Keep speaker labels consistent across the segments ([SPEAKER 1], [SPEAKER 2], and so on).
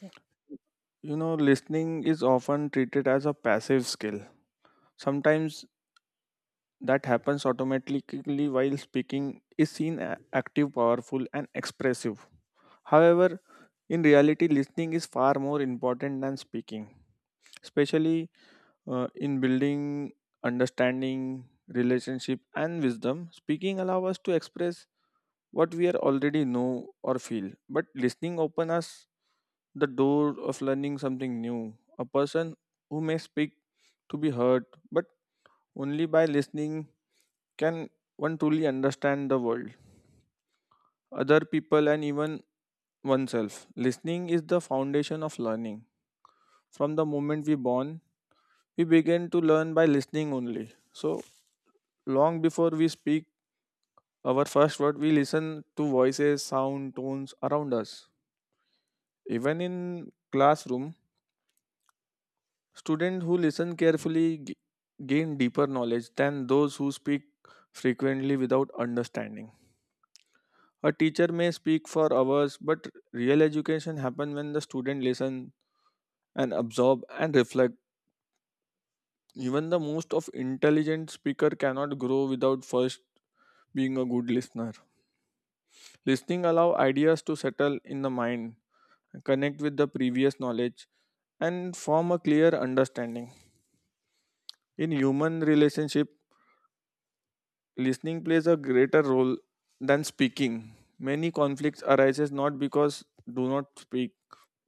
[SPEAKER 1] Yeah.
[SPEAKER 2] You know, listening is often treated as a passive skill. Sometimes that happens automatically while speaking is seen active, powerful, and expressive. However, in reality, listening is far more important than speaking especially in building understanding, relationship, and wisdom. Speaking allows us to express what we are already know or feel, but listening open us the door of learning something new. A person who may speak to be heard, but only by listening can one truly understand the world, other people, and even oneself. Listening is the foundation of learning. From the moment we born, we begin to learn by listening only. So, long before we speak our first word, we listen to voices, sound, tones around us. Even in classroom, students who listen carefully gain deeper knowledge than those who speak frequently without understanding. A teacher may speak for hours, but real education happens when the student listen and absorb and reflect. Even the most of intelligent speaker cannot grow without first being a good listener. Listening allows ideas to settle in the mind, connect with the previous knowledge, and form a clear understanding. In human relationship, listening plays a greater role than speaking. Many conflicts arises not because do not speak,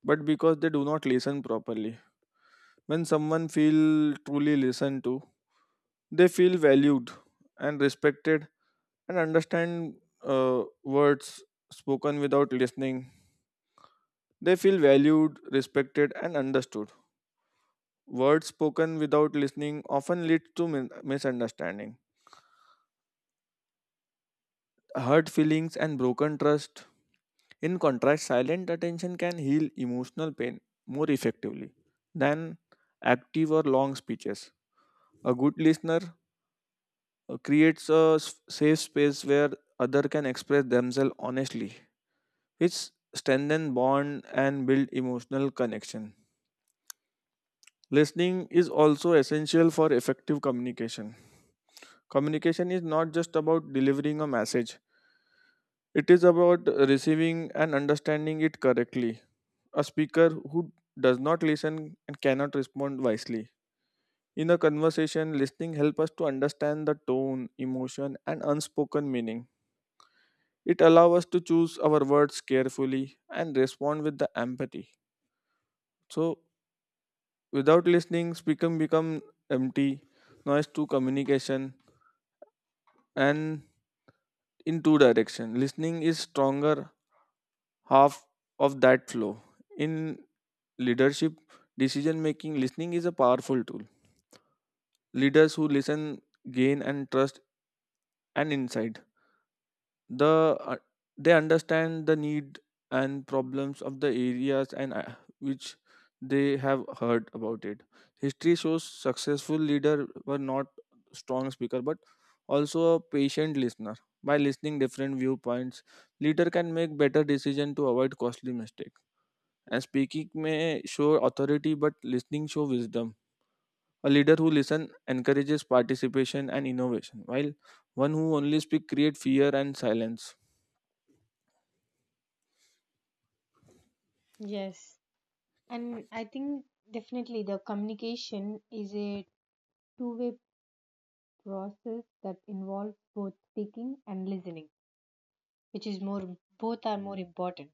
[SPEAKER 2] but because they do not listen properly. When someone feel truly listened to, they feel valued and respected and understand words spoken without listening. They feel valued, respected, and understood. Words spoken without listening often leads to misunderstanding, hurt feelings, and broken trust. In contrast, silent attention can heal emotional pain more effectively than active or long speeches. A good listener creates a safe space where other can express themselves honestly, which strengthen bond and build emotional connection. Listening is also essential for effective communication. Communication is not just about delivering a message, it is about receiving and understanding it correctly. A speaker who does not listen and cannot respond wisely. In a conversation, listening helps us to understand the tone, emotion, and unspoken meaning. It allows us to choose our words carefully and respond with the empathy. So, without listening, speaking become empty, noise to communication, and in two direction. Listening is stronger half of that flow. In leadership, decision making, listening is a powerful tool. Leaders who listen gain and trust and insight. The uh, they understand the need and problems of the areas and which they have heard about it. History shows successful leader were not strong speaker but also a patient listener. By listening different viewpoints, leader can make better decision to avoid costly mistake. And speaking may show authority, but listening show wisdom. A leader who listens encourages participation and innovation, while one who only speaks creates fear and silence.
[SPEAKER 1] Yes. And I think definitely the communication is a two-way process that involves both speaking and listening, which is more, both are more important.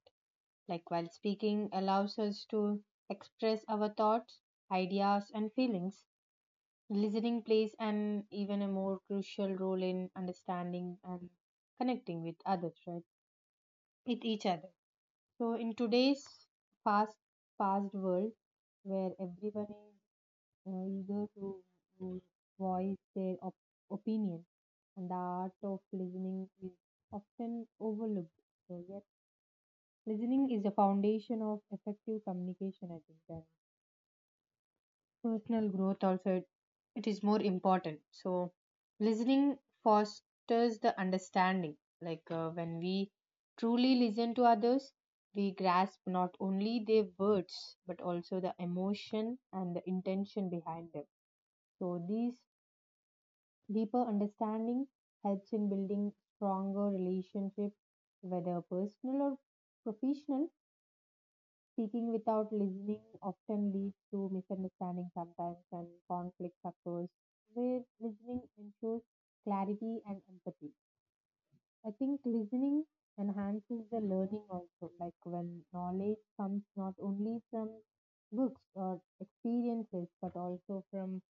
[SPEAKER 1] Like while speaking allows us to express our thoughts, ideas, and feelings, listening plays an even a more crucial role in understanding and connecting with others, right? With each other. So in today's fast, fast world, where everyone is eager to to voice their opinion, and the art of listening is often overlooked. So, yes, listening is the foundation of effective communication, I think, and personal growth also. It is more important. So, listening fosters the understanding. Like when we truly listen to others, we grasp not only their words but also the emotion and the intention behind them. So, these deeper understanding helps in building stronger relationships, whether personal or professional. Speaking without listening often leads to misunderstanding sometimes and conflicts occurs where listening ensures clarity and empathy. I think listening enhances the learning also, like when knowledge comes not only from books or experiences but also from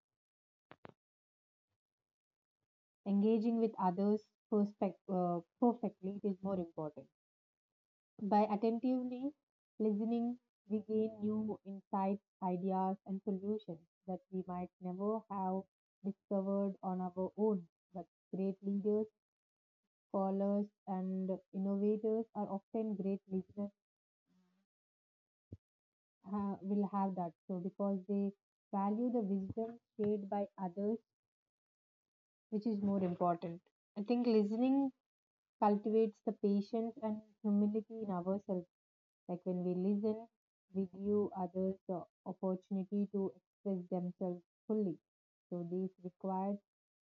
[SPEAKER 1] engaging with others perspec perfectly it is more important. By attentively listening, we gain new insights, ideas, and solutions that we might never have discovered on our own. But great leaders, scholars, and innovators are often great listeners, will have that. So, because they value the wisdom shared by others, which is more important. I think listening cultivates the patience and humility in ourselves. Like when we listen, we give others the opportunity to express themselves fully. So this requires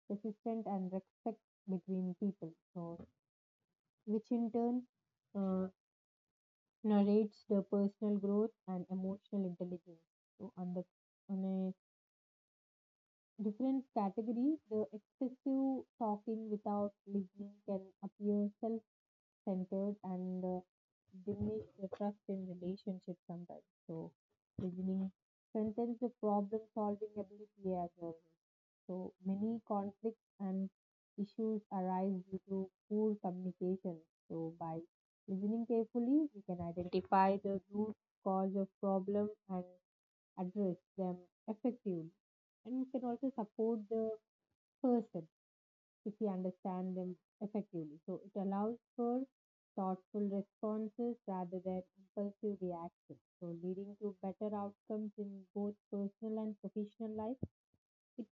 [SPEAKER 1] persistence and respect between people. So which in turn uh, narrates the personal growth and emotional intelligence. So on a different category, the excessive talking without listening can appear selfish centered and diminish the trust in relationships sometimes. So, reasoning strengthens the problem solving ability as well. So, many conflicts and issues arise due to poor communication. So, by listening carefully, we can identify the root cause of problem and address them effectively. And we can also support the person if we understand them effectively. So it allows for thoughtful responses rather than impulsive reactions, so leading to better outcomes in both personal and professional life. It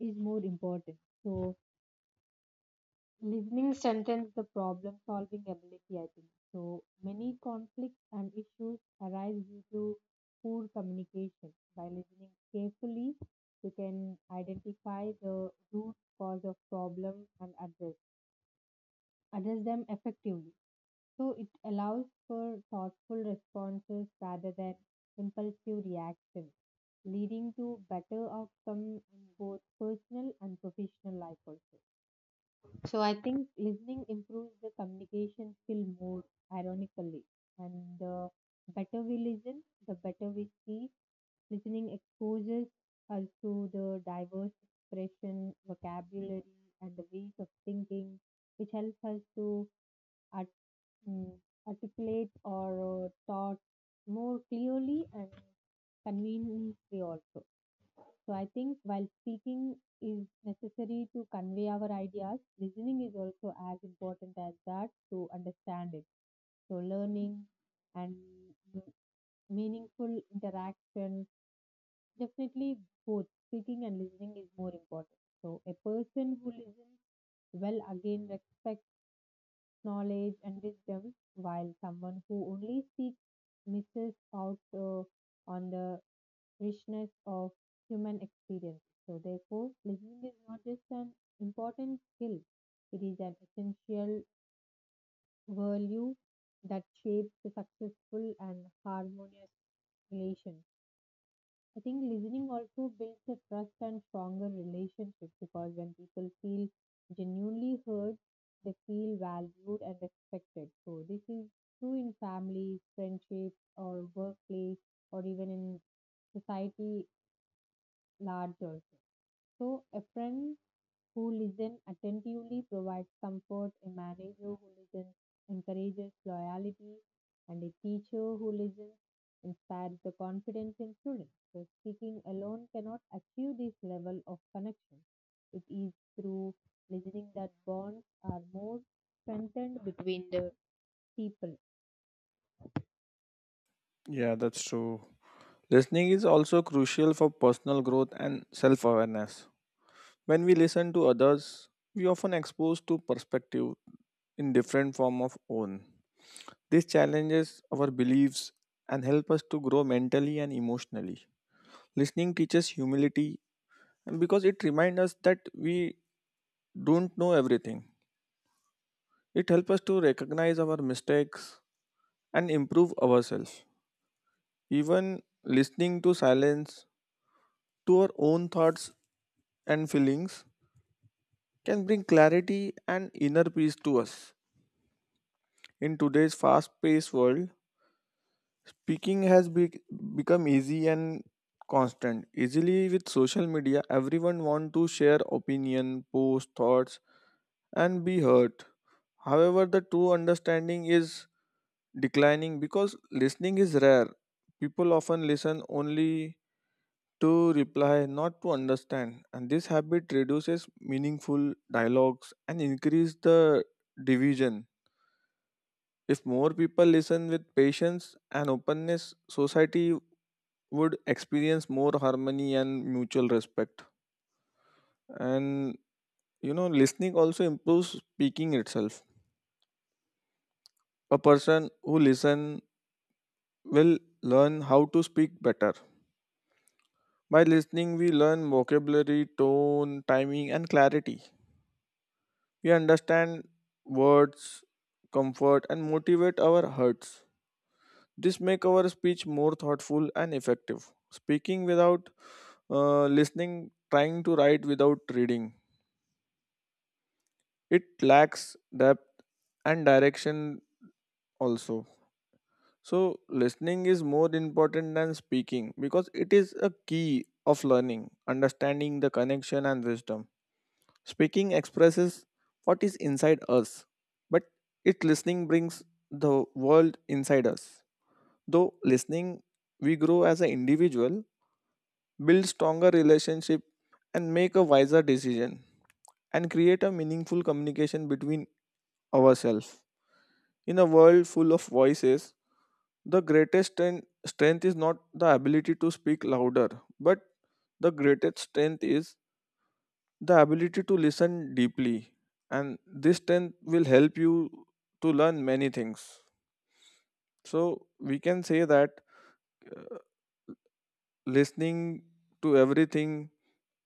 [SPEAKER 1] is more important. So listening strengthens the problem solving ability, I think. So many conflicts and issues arise due to poor communication. By listening carefully, you can identify the root cause of problem and address them effectively. So it allows for thoughtful responses rather than impulsive reactions, leading to better outcome in both personal and professional life also. So I think listening improves the communication skill more ironically. And the better we listen, the better we see. Listening exposes us to the diverse expression, vocabulary, and the ways of thinking, which helps us to mm, articulate or taught more clearly and conveniently also. So I think while speaking is necessary to convey our ideas, listening is also as important as that to understand it. So learning and m- meaningful interaction, definitely both speaking and listening is more important. So a person who listens well again respects knowledge and wisdom, while someone who only seeks misses out on the richness of human experience. So, therefore, listening is not just an important skill, it is an essential value that shapes a successful and harmonious relation. I think listening also builds a trust and stronger relationship because when people feel genuinely heard, they feel valued and respected. So this is true in family, friendships, or workplace, or even in society large also. So a friend who listen attentively provides comfort, a manager who listens encourages loyalty, and a teacher who listens inspires the confidence in students. So, speaking alone cannot achieve this level of connection. It is through listening that bonds are more strengthened between the people.
[SPEAKER 2] Yeah, that's true. Listening is also crucial for personal growth and self awareness. When we listen to others, we often expose to perspective in different form of own. This challenges our beliefs and help us to grow mentally and emotionally. Listening teaches humility because it reminds us that we don't know everything. It helps us to recognize our mistakes and improve ourselves. Even listening to silence, to our own thoughts and feelings, can bring clarity and inner peace to us. In today's fast paced world, speaking has become easy and constant. Easily with social media, everyone want to share opinion, post thoughts, and be heard. However, the true understanding is declining because listening is rare. People often listen only to reply, not to understand, and this habit reduces meaningful dialogues and increase the division. If more people listen with patience and openness, society would experience more harmony and mutual respect. And you know, listening also improves speaking itself. A person who listens will learn how to speak better. By listening, we learn vocabulary, tone, timing, and clarity. We understand words, comfort, and motivate our hearts. This make our speech more thoughtful and effective. Speaking without listening, trying to write without reading it lacks depth and direction also, so listening is more important than speaking because it is a key of learning understanding the connection and wisdom. Speaking expresses what is inside us, but it listening brings the world inside us. Though listening, we grow as an individual, build stronger relationship, and make a wiser decision, and create a meaningful communication between ourselves. In a world full of voices, the strength is not the ability to speak louder, but the greatest strength is the ability to listen deeply. And this strength will help you to learn many things. So, we can say that listening to everything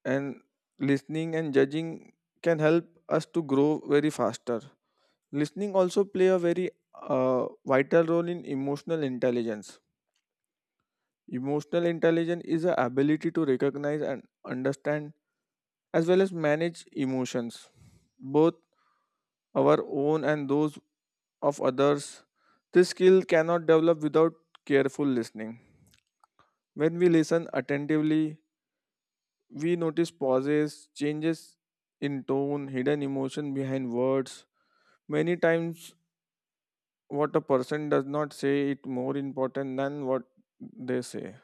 [SPEAKER 2] and listening and judging can help us to grow very faster. Listening also play a very vital role in emotional intelligence. Emotional intelligence is the ability to recognize and understand as well as manage emotions, both our own and those of others. This skill cannot develop without careful listening. When we listen attentively, we notice pauses, changes in tone, hidden emotion behind words. Many times, what a person does not say is more important than what they say.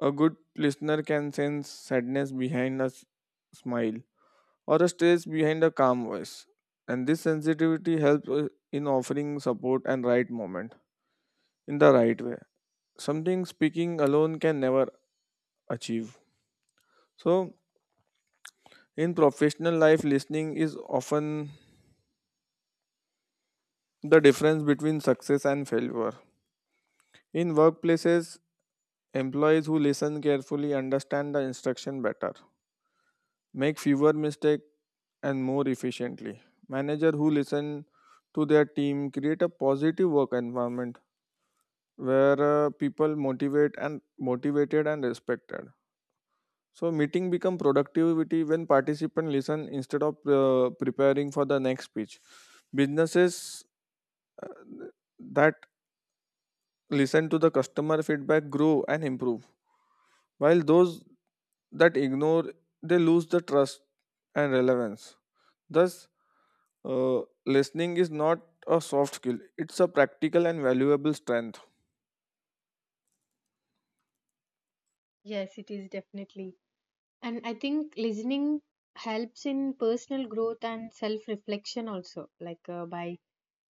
[SPEAKER 2] A good listener can sense sadness behind a smile or a stress behind a calm voice. And this sensitivity helps in offering support and right moment in the right way. Something speaking alone can never achieve. So, in professional life, listening is often the difference between success and failure. In workplaces, employees who listen carefully understand the instruction better, make fewer mistakes and more efficiently. Manager who listen to their team create a positive work environment where people motivated and respected. So meeting become productivity when participant listen instead of preparing for the next speech. Businesses uh, that listen to the customer feedback grow and improve, while those that ignore they lose the trust and relevance. Thus, listening is not a soft skill, it's a practical and valuable strength.
[SPEAKER 1] Yes, it is definitely. And I think listening helps in personal growth and self reflection also, like by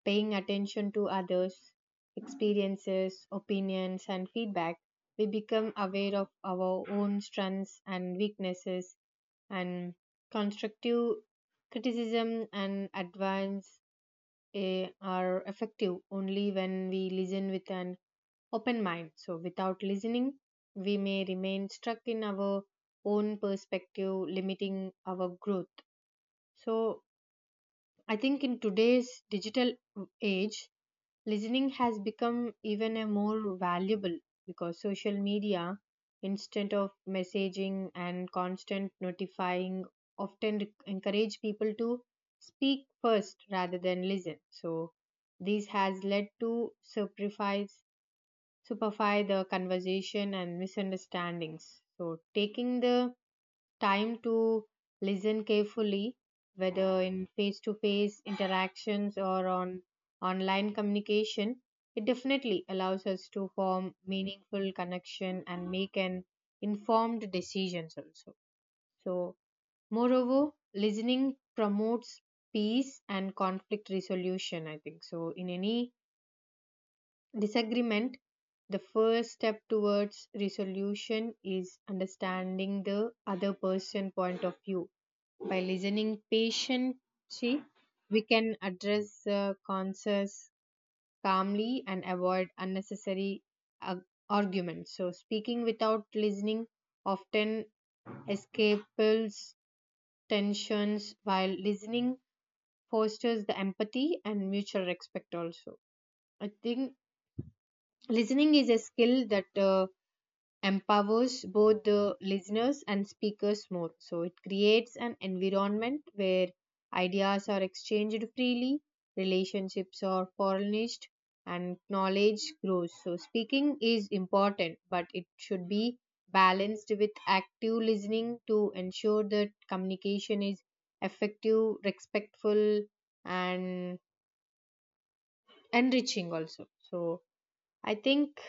[SPEAKER 1] paying attention to others' experiences, opinions, and feedback, we become aware of our own strengths and weaknesses, and constructive criticism and advance are effective only when we listen with an open mind. So, without listening, we may remain stuck in our own perspective, limiting our growth. So, I think in today's digital age, listening has become even a more valuable because social media instant of messaging and constant notifying often encourage people to speak first rather than listen. So this has led to superfies superfy the conversation and misunderstandings. So taking the time to listen carefully, whether in face to face interactions or on online communication. It definitely allows us to form meaningful connection and make an informed decisions also. So moreover, listening promotes peace and conflict resolution, I think. So in any disagreement, the first step towards resolution is understanding the other person's point of view. By listening patiently, we can address the concerns calmly and avoid unnecessary uh, arguments. So, speaking without listening often escapes tensions, while listening fosters the empathy and mutual respect. Also, I think listening is a skill that empowers both the listeners and speakers more. So it creates an environment where ideas are exchanged freely, relationships are polished, and knowledge grows. So speaking is important, but it should be balanced with active listening to ensure that communication is effective, respectful, and enriching also. So I think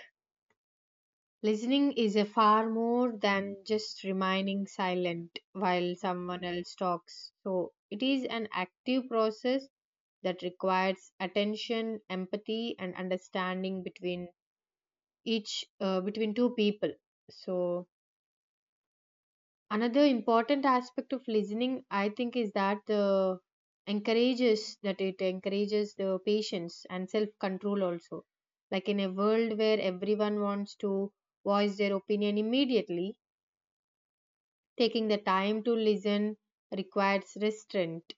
[SPEAKER 1] listening is a far more than just remaining silent while someone else talks. So it is an active process that requires attention, empathy, and understanding between each between two people. So another important aspect of listening, I think, is that the encourages that it encourages the patience and self control also. Like in a world where everyone wants to voice their opinion immediately, taking the time to listen requires restraint.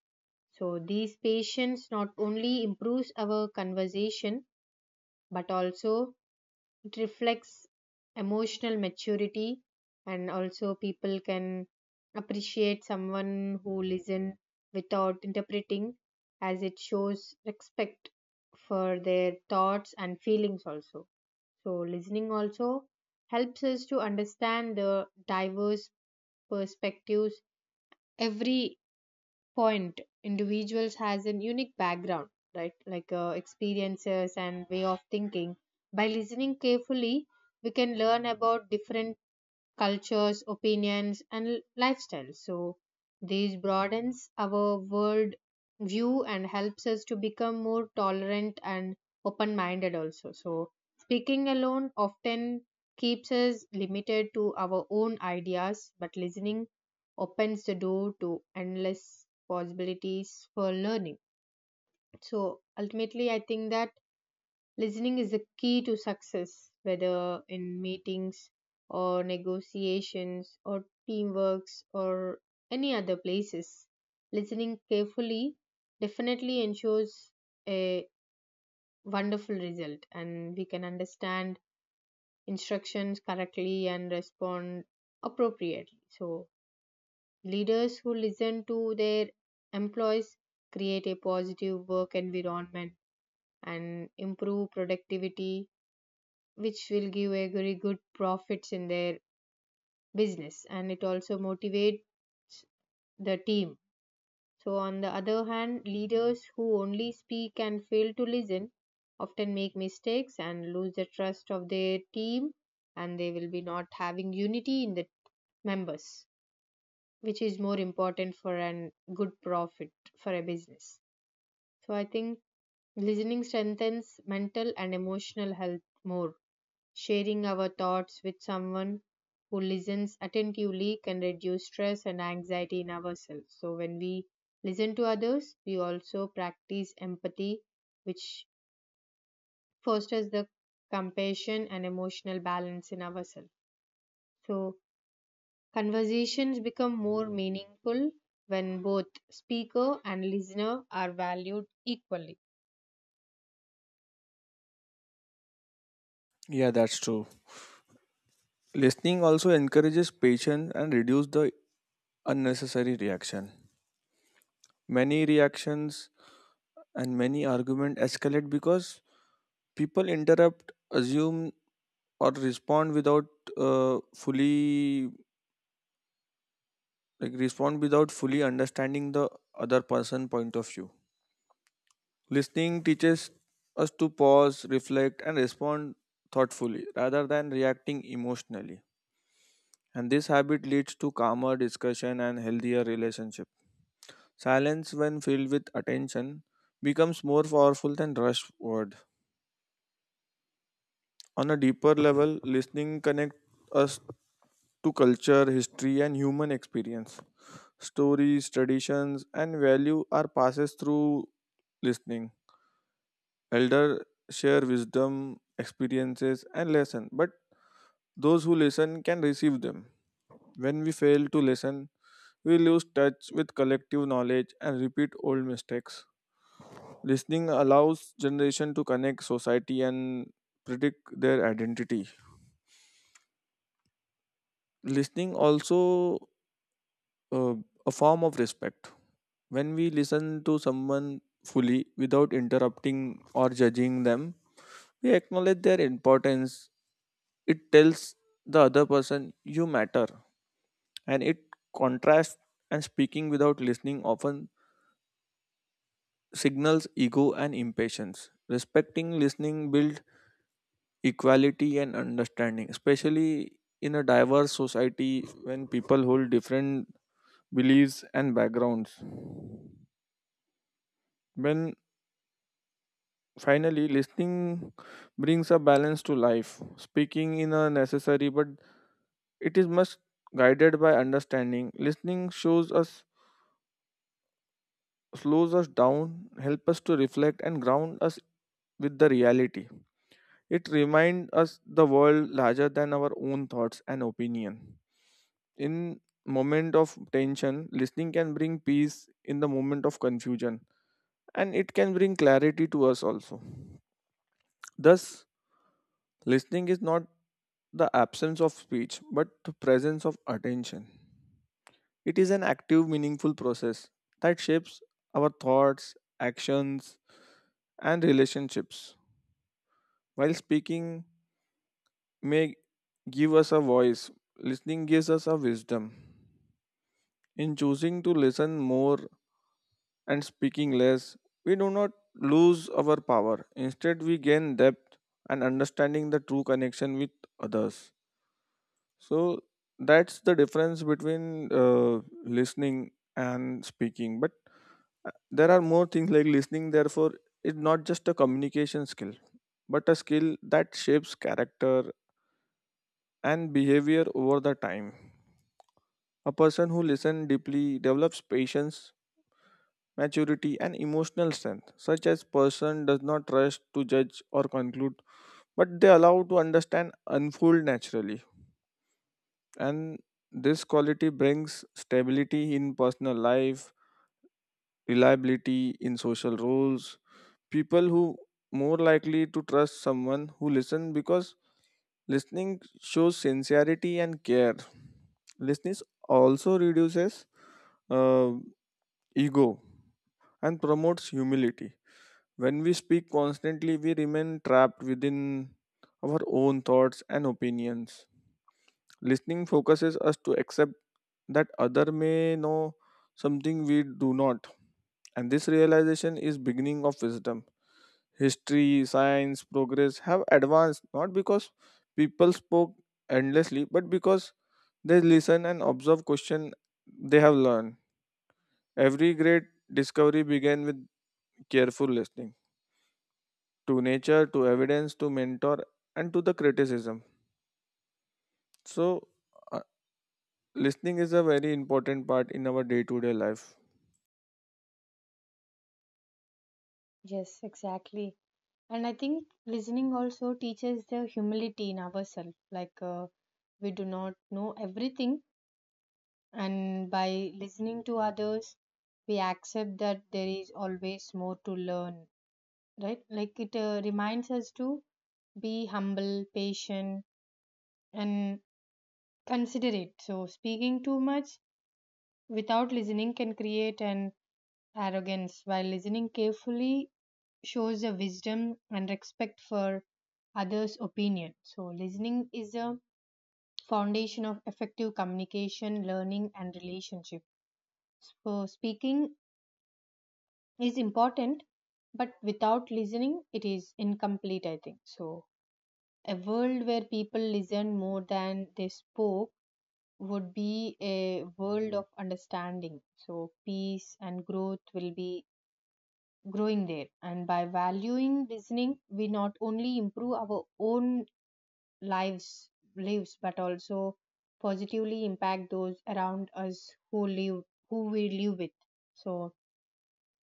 [SPEAKER 1] So these patience not only improves our conversation but also it reflects emotional maturity, and also people can appreciate someone who listen without interpreting, as it shows respect for their thoughts and feelings also. So listening also helps us to understand the diverse perspectives. Every point individuals has a unique background, right? Like experiences and way of thinking. By listening carefully we can learn about different cultures, opinions, and lifestyles. So, this broadens our world view and helps us to become more tolerant and open minded, also. So, speaking alone often keeps us limited to our own ideas, but listening opens the door to endless possibilities for learning. So, ultimately, I think that listening is the key to success, whether in meetings or negotiations or teamworks or any other places. Listening carefully definitely ensures a wonderful result, and we can understand instructions correctly and respond appropriately. So, leaders who listen to their employees create a positive work environment and improve productivity, which will give a very good profits in their business, and it also motivates the team. So on the other hand, leaders who only speak and fail to listen often make mistakes and lose the trust of their team, and they will be not having unity in the members, which is more important for an good profit for a business. So I think listening strengthens mental and emotional health more. Sharing our thoughts with someone who listens attentively can reduce stress and anxiety in ourselves. So, when we listen to others, we also practice empathy, which fosters the compassion and emotional balance in ourselves. So, conversations become more meaningful when both speaker and listener are valued equally.
[SPEAKER 2] Yeah, that's true. Listening also encourages patience and reduces the unnecessary reaction. Many reactions and many arguments escalate because people interrupt, assume, or respond without fully like respond without fully understanding the other person point of view. Listening teaches us to pause, reflect, and respond thoughtfully rather than reacting emotionally. And this habit leads to calmer discussion and healthier relationship. Silence, when filled with attention, becomes more powerful than rushed word. On a deeper level, listening connects us to culture, history, and human experience. Stories, traditions, and value are passed through listening. Elder share wisdom, experiences, and lesson, but those who listen can receive them. When we fail to listen, we lose touch with collective knowledge and repeat old mistakes. Listening allows generation to connect society and predict their identity. Listening also uh, a form of respect. When we listen to someone fully without interrupting or judging them, we acknowledge their importance. It tells the other person you matter, and it contrasts and speaking without listening often signals ego and impatience. Respecting listening builds equality and understanding, especially in a diverse society when people hold different beliefs and backgrounds. When finally listening brings a balance to life, speaking in a necessary but it is must guided by understanding. Listening shows us slows us down, help us to reflect and ground us with the reality. It reminds us the world larger than our own thoughts and opinion. In moment of tension, listening can bring peace in the moment of confusion and it can bring clarity to us also. Thus, listening is not the absence of speech but the presence of attention. It is an active meaningful process that shapes our thoughts, actions and relationships. While speaking may give us a voice, listening gives us a wisdom. In choosing to listen more and speaking less, we do not lose our power. Instead, we gain depth and understanding the true connection with others. So, that's the difference between listening and speaking. But there are more things like listening, therefore, is not just a communication skill, but a skill that shapes character, and behavior over the time. A person who listens deeply develops patience, maturity, and emotional strength. Such as person does not rush to judge or conclude, but they allow to understand unfold naturally. And this quality brings stability in personal life, reliability in social roles. People who more likely to trust someone who listens because listening shows sincerity and care. Listening also reduces uh, ego and promotes humility. When we speak constantly, we remain trapped within our own thoughts and opinions. Listening focuses us to accept that other may know something we do not, and this realization is beginning of wisdom. History, science, progress have advanced not because people spoke endlessly, but because they listen and observe question they have learned. Every great discovery began with careful listening to nature, to evidence, to mentor, and to the criticism. So, uh, listening is a very important part in our day-to-day life.
[SPEAKER 1] Yes, exactly. And I think listening also teaches the humility in ourselves. Like we do not know everything, and by listening to others, we accept that there is always more to learn. Right? Like it reminds us to be humble, patient, and considerate. So speaking too much without listening can create an arrogance, while listening carefully shows a wisdom and respect for others' opinion. So, listening is a foundation of effective communication, learning, and relationship. So, speaking is important, but without listening, it is incomplete, I think. So, a world where people listen more than they spoke would be a world of understanding. So, peace and growth will be growing there. And by valuing listening, we not only improve our own lives lives but also positively impact those around us who we live with. So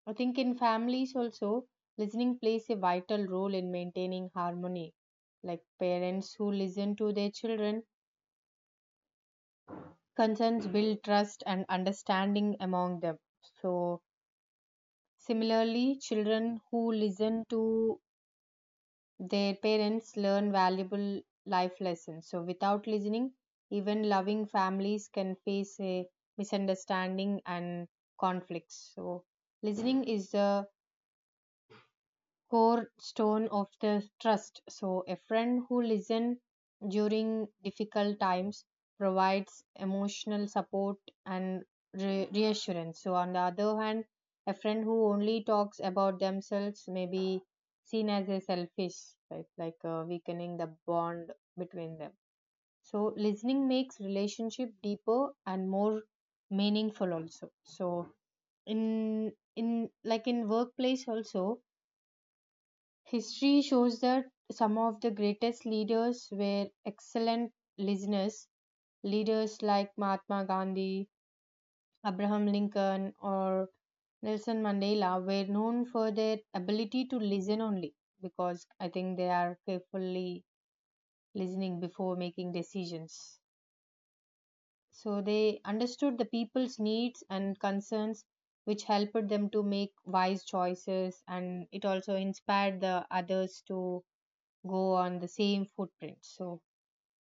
[SPEAKER 1] I think in families also, listening plays a vital role in maintaining harmony, like parents who listen to their children concerns build trust and understanding among them. So similarly children who listen to their parents learn valuable life lessons. So, without listening, even loving families can face a misunderstanding and conflicts. So, listening is the core stone of the trust. So, a friend who listens during difficult times provides emotional support and reassurance. So, on the other hand, a friend who only talks about themselves may be seen as a selfish, right? Like weakening the bond between them. So, listening makes relationship deeper and more meaningful also. So, in like in workplace also, history shows that some of the greatest leaders were excellent listeners. Leaders like Mahatma Gandhi, Abraham Lincoln, or Nelson Mandela were known for their ability to listen only because I think they are carefully listening before making decisions. So they understood the people's needs and concerns, which helped them to make wise choices, and it also inspired the others to go on the same footprint. So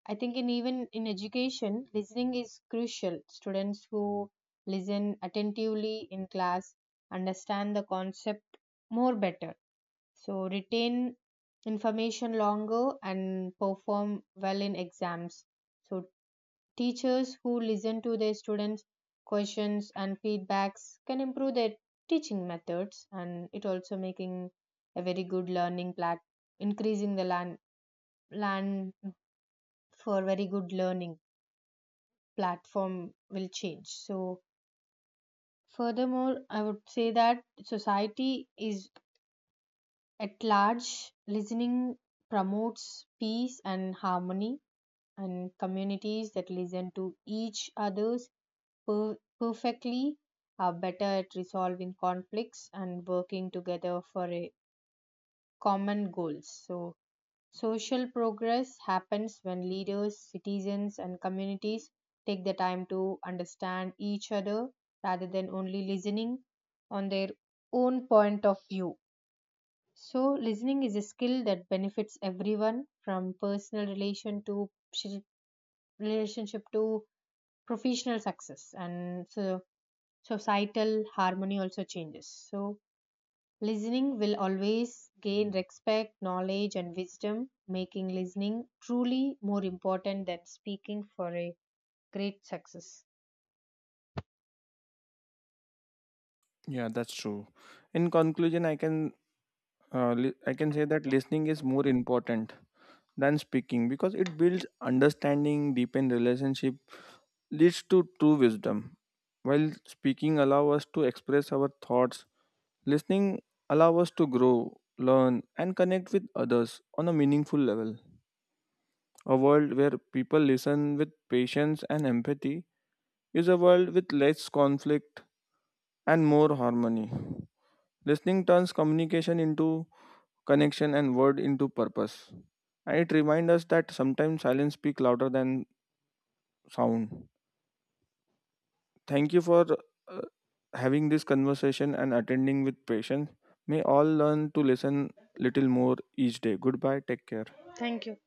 [SPEAKER 1] I think in even in education, listening is crucial. Students who listen attentively in class understand the concept more better. So retain information longer and perform well in exams. So teachers who listen to their students questions and feedbacks can improve their teaching methods, and it also making a very good learning plat increasing the land for very good learning platform will change. So furthermore I would say that society is at large, listening promotes peace and harmony, and communities that listen to each other's perfectly are better at resolving conflicts and working together for a common goals. So social progress happens when leaders, citizens, and communities take the time to understand each other rather than only listening on their own point of view. So, listening is a skill that benefits everyone from personal relation to relationship to professional success, and so societal harmony also changes. So, listening will always gain respect, knowledge, and wisdom, making listening truly more important than speaking for a great success.
[SPEAKER 2] Yeah, that's true. In conclusion, I can I can say that listening is more important than speaking because it builds understanding, deepen relationship, leads to true wisdom. While speaking allow us to express our thoughts, listening allow us to grow, learn and connect with others on a meaningful level. A world where people listen with patience and empathy is a world with less conflict and more harmony. Listening turns communication into connection and word into purpose. And it reminds us that sometimes silence speaks louder than sound. Thank you for uh, having this conversation and attending with patience. May all learn to listen little more each day. Goodbye. Take care.
[SPEAKER 1] Thank you.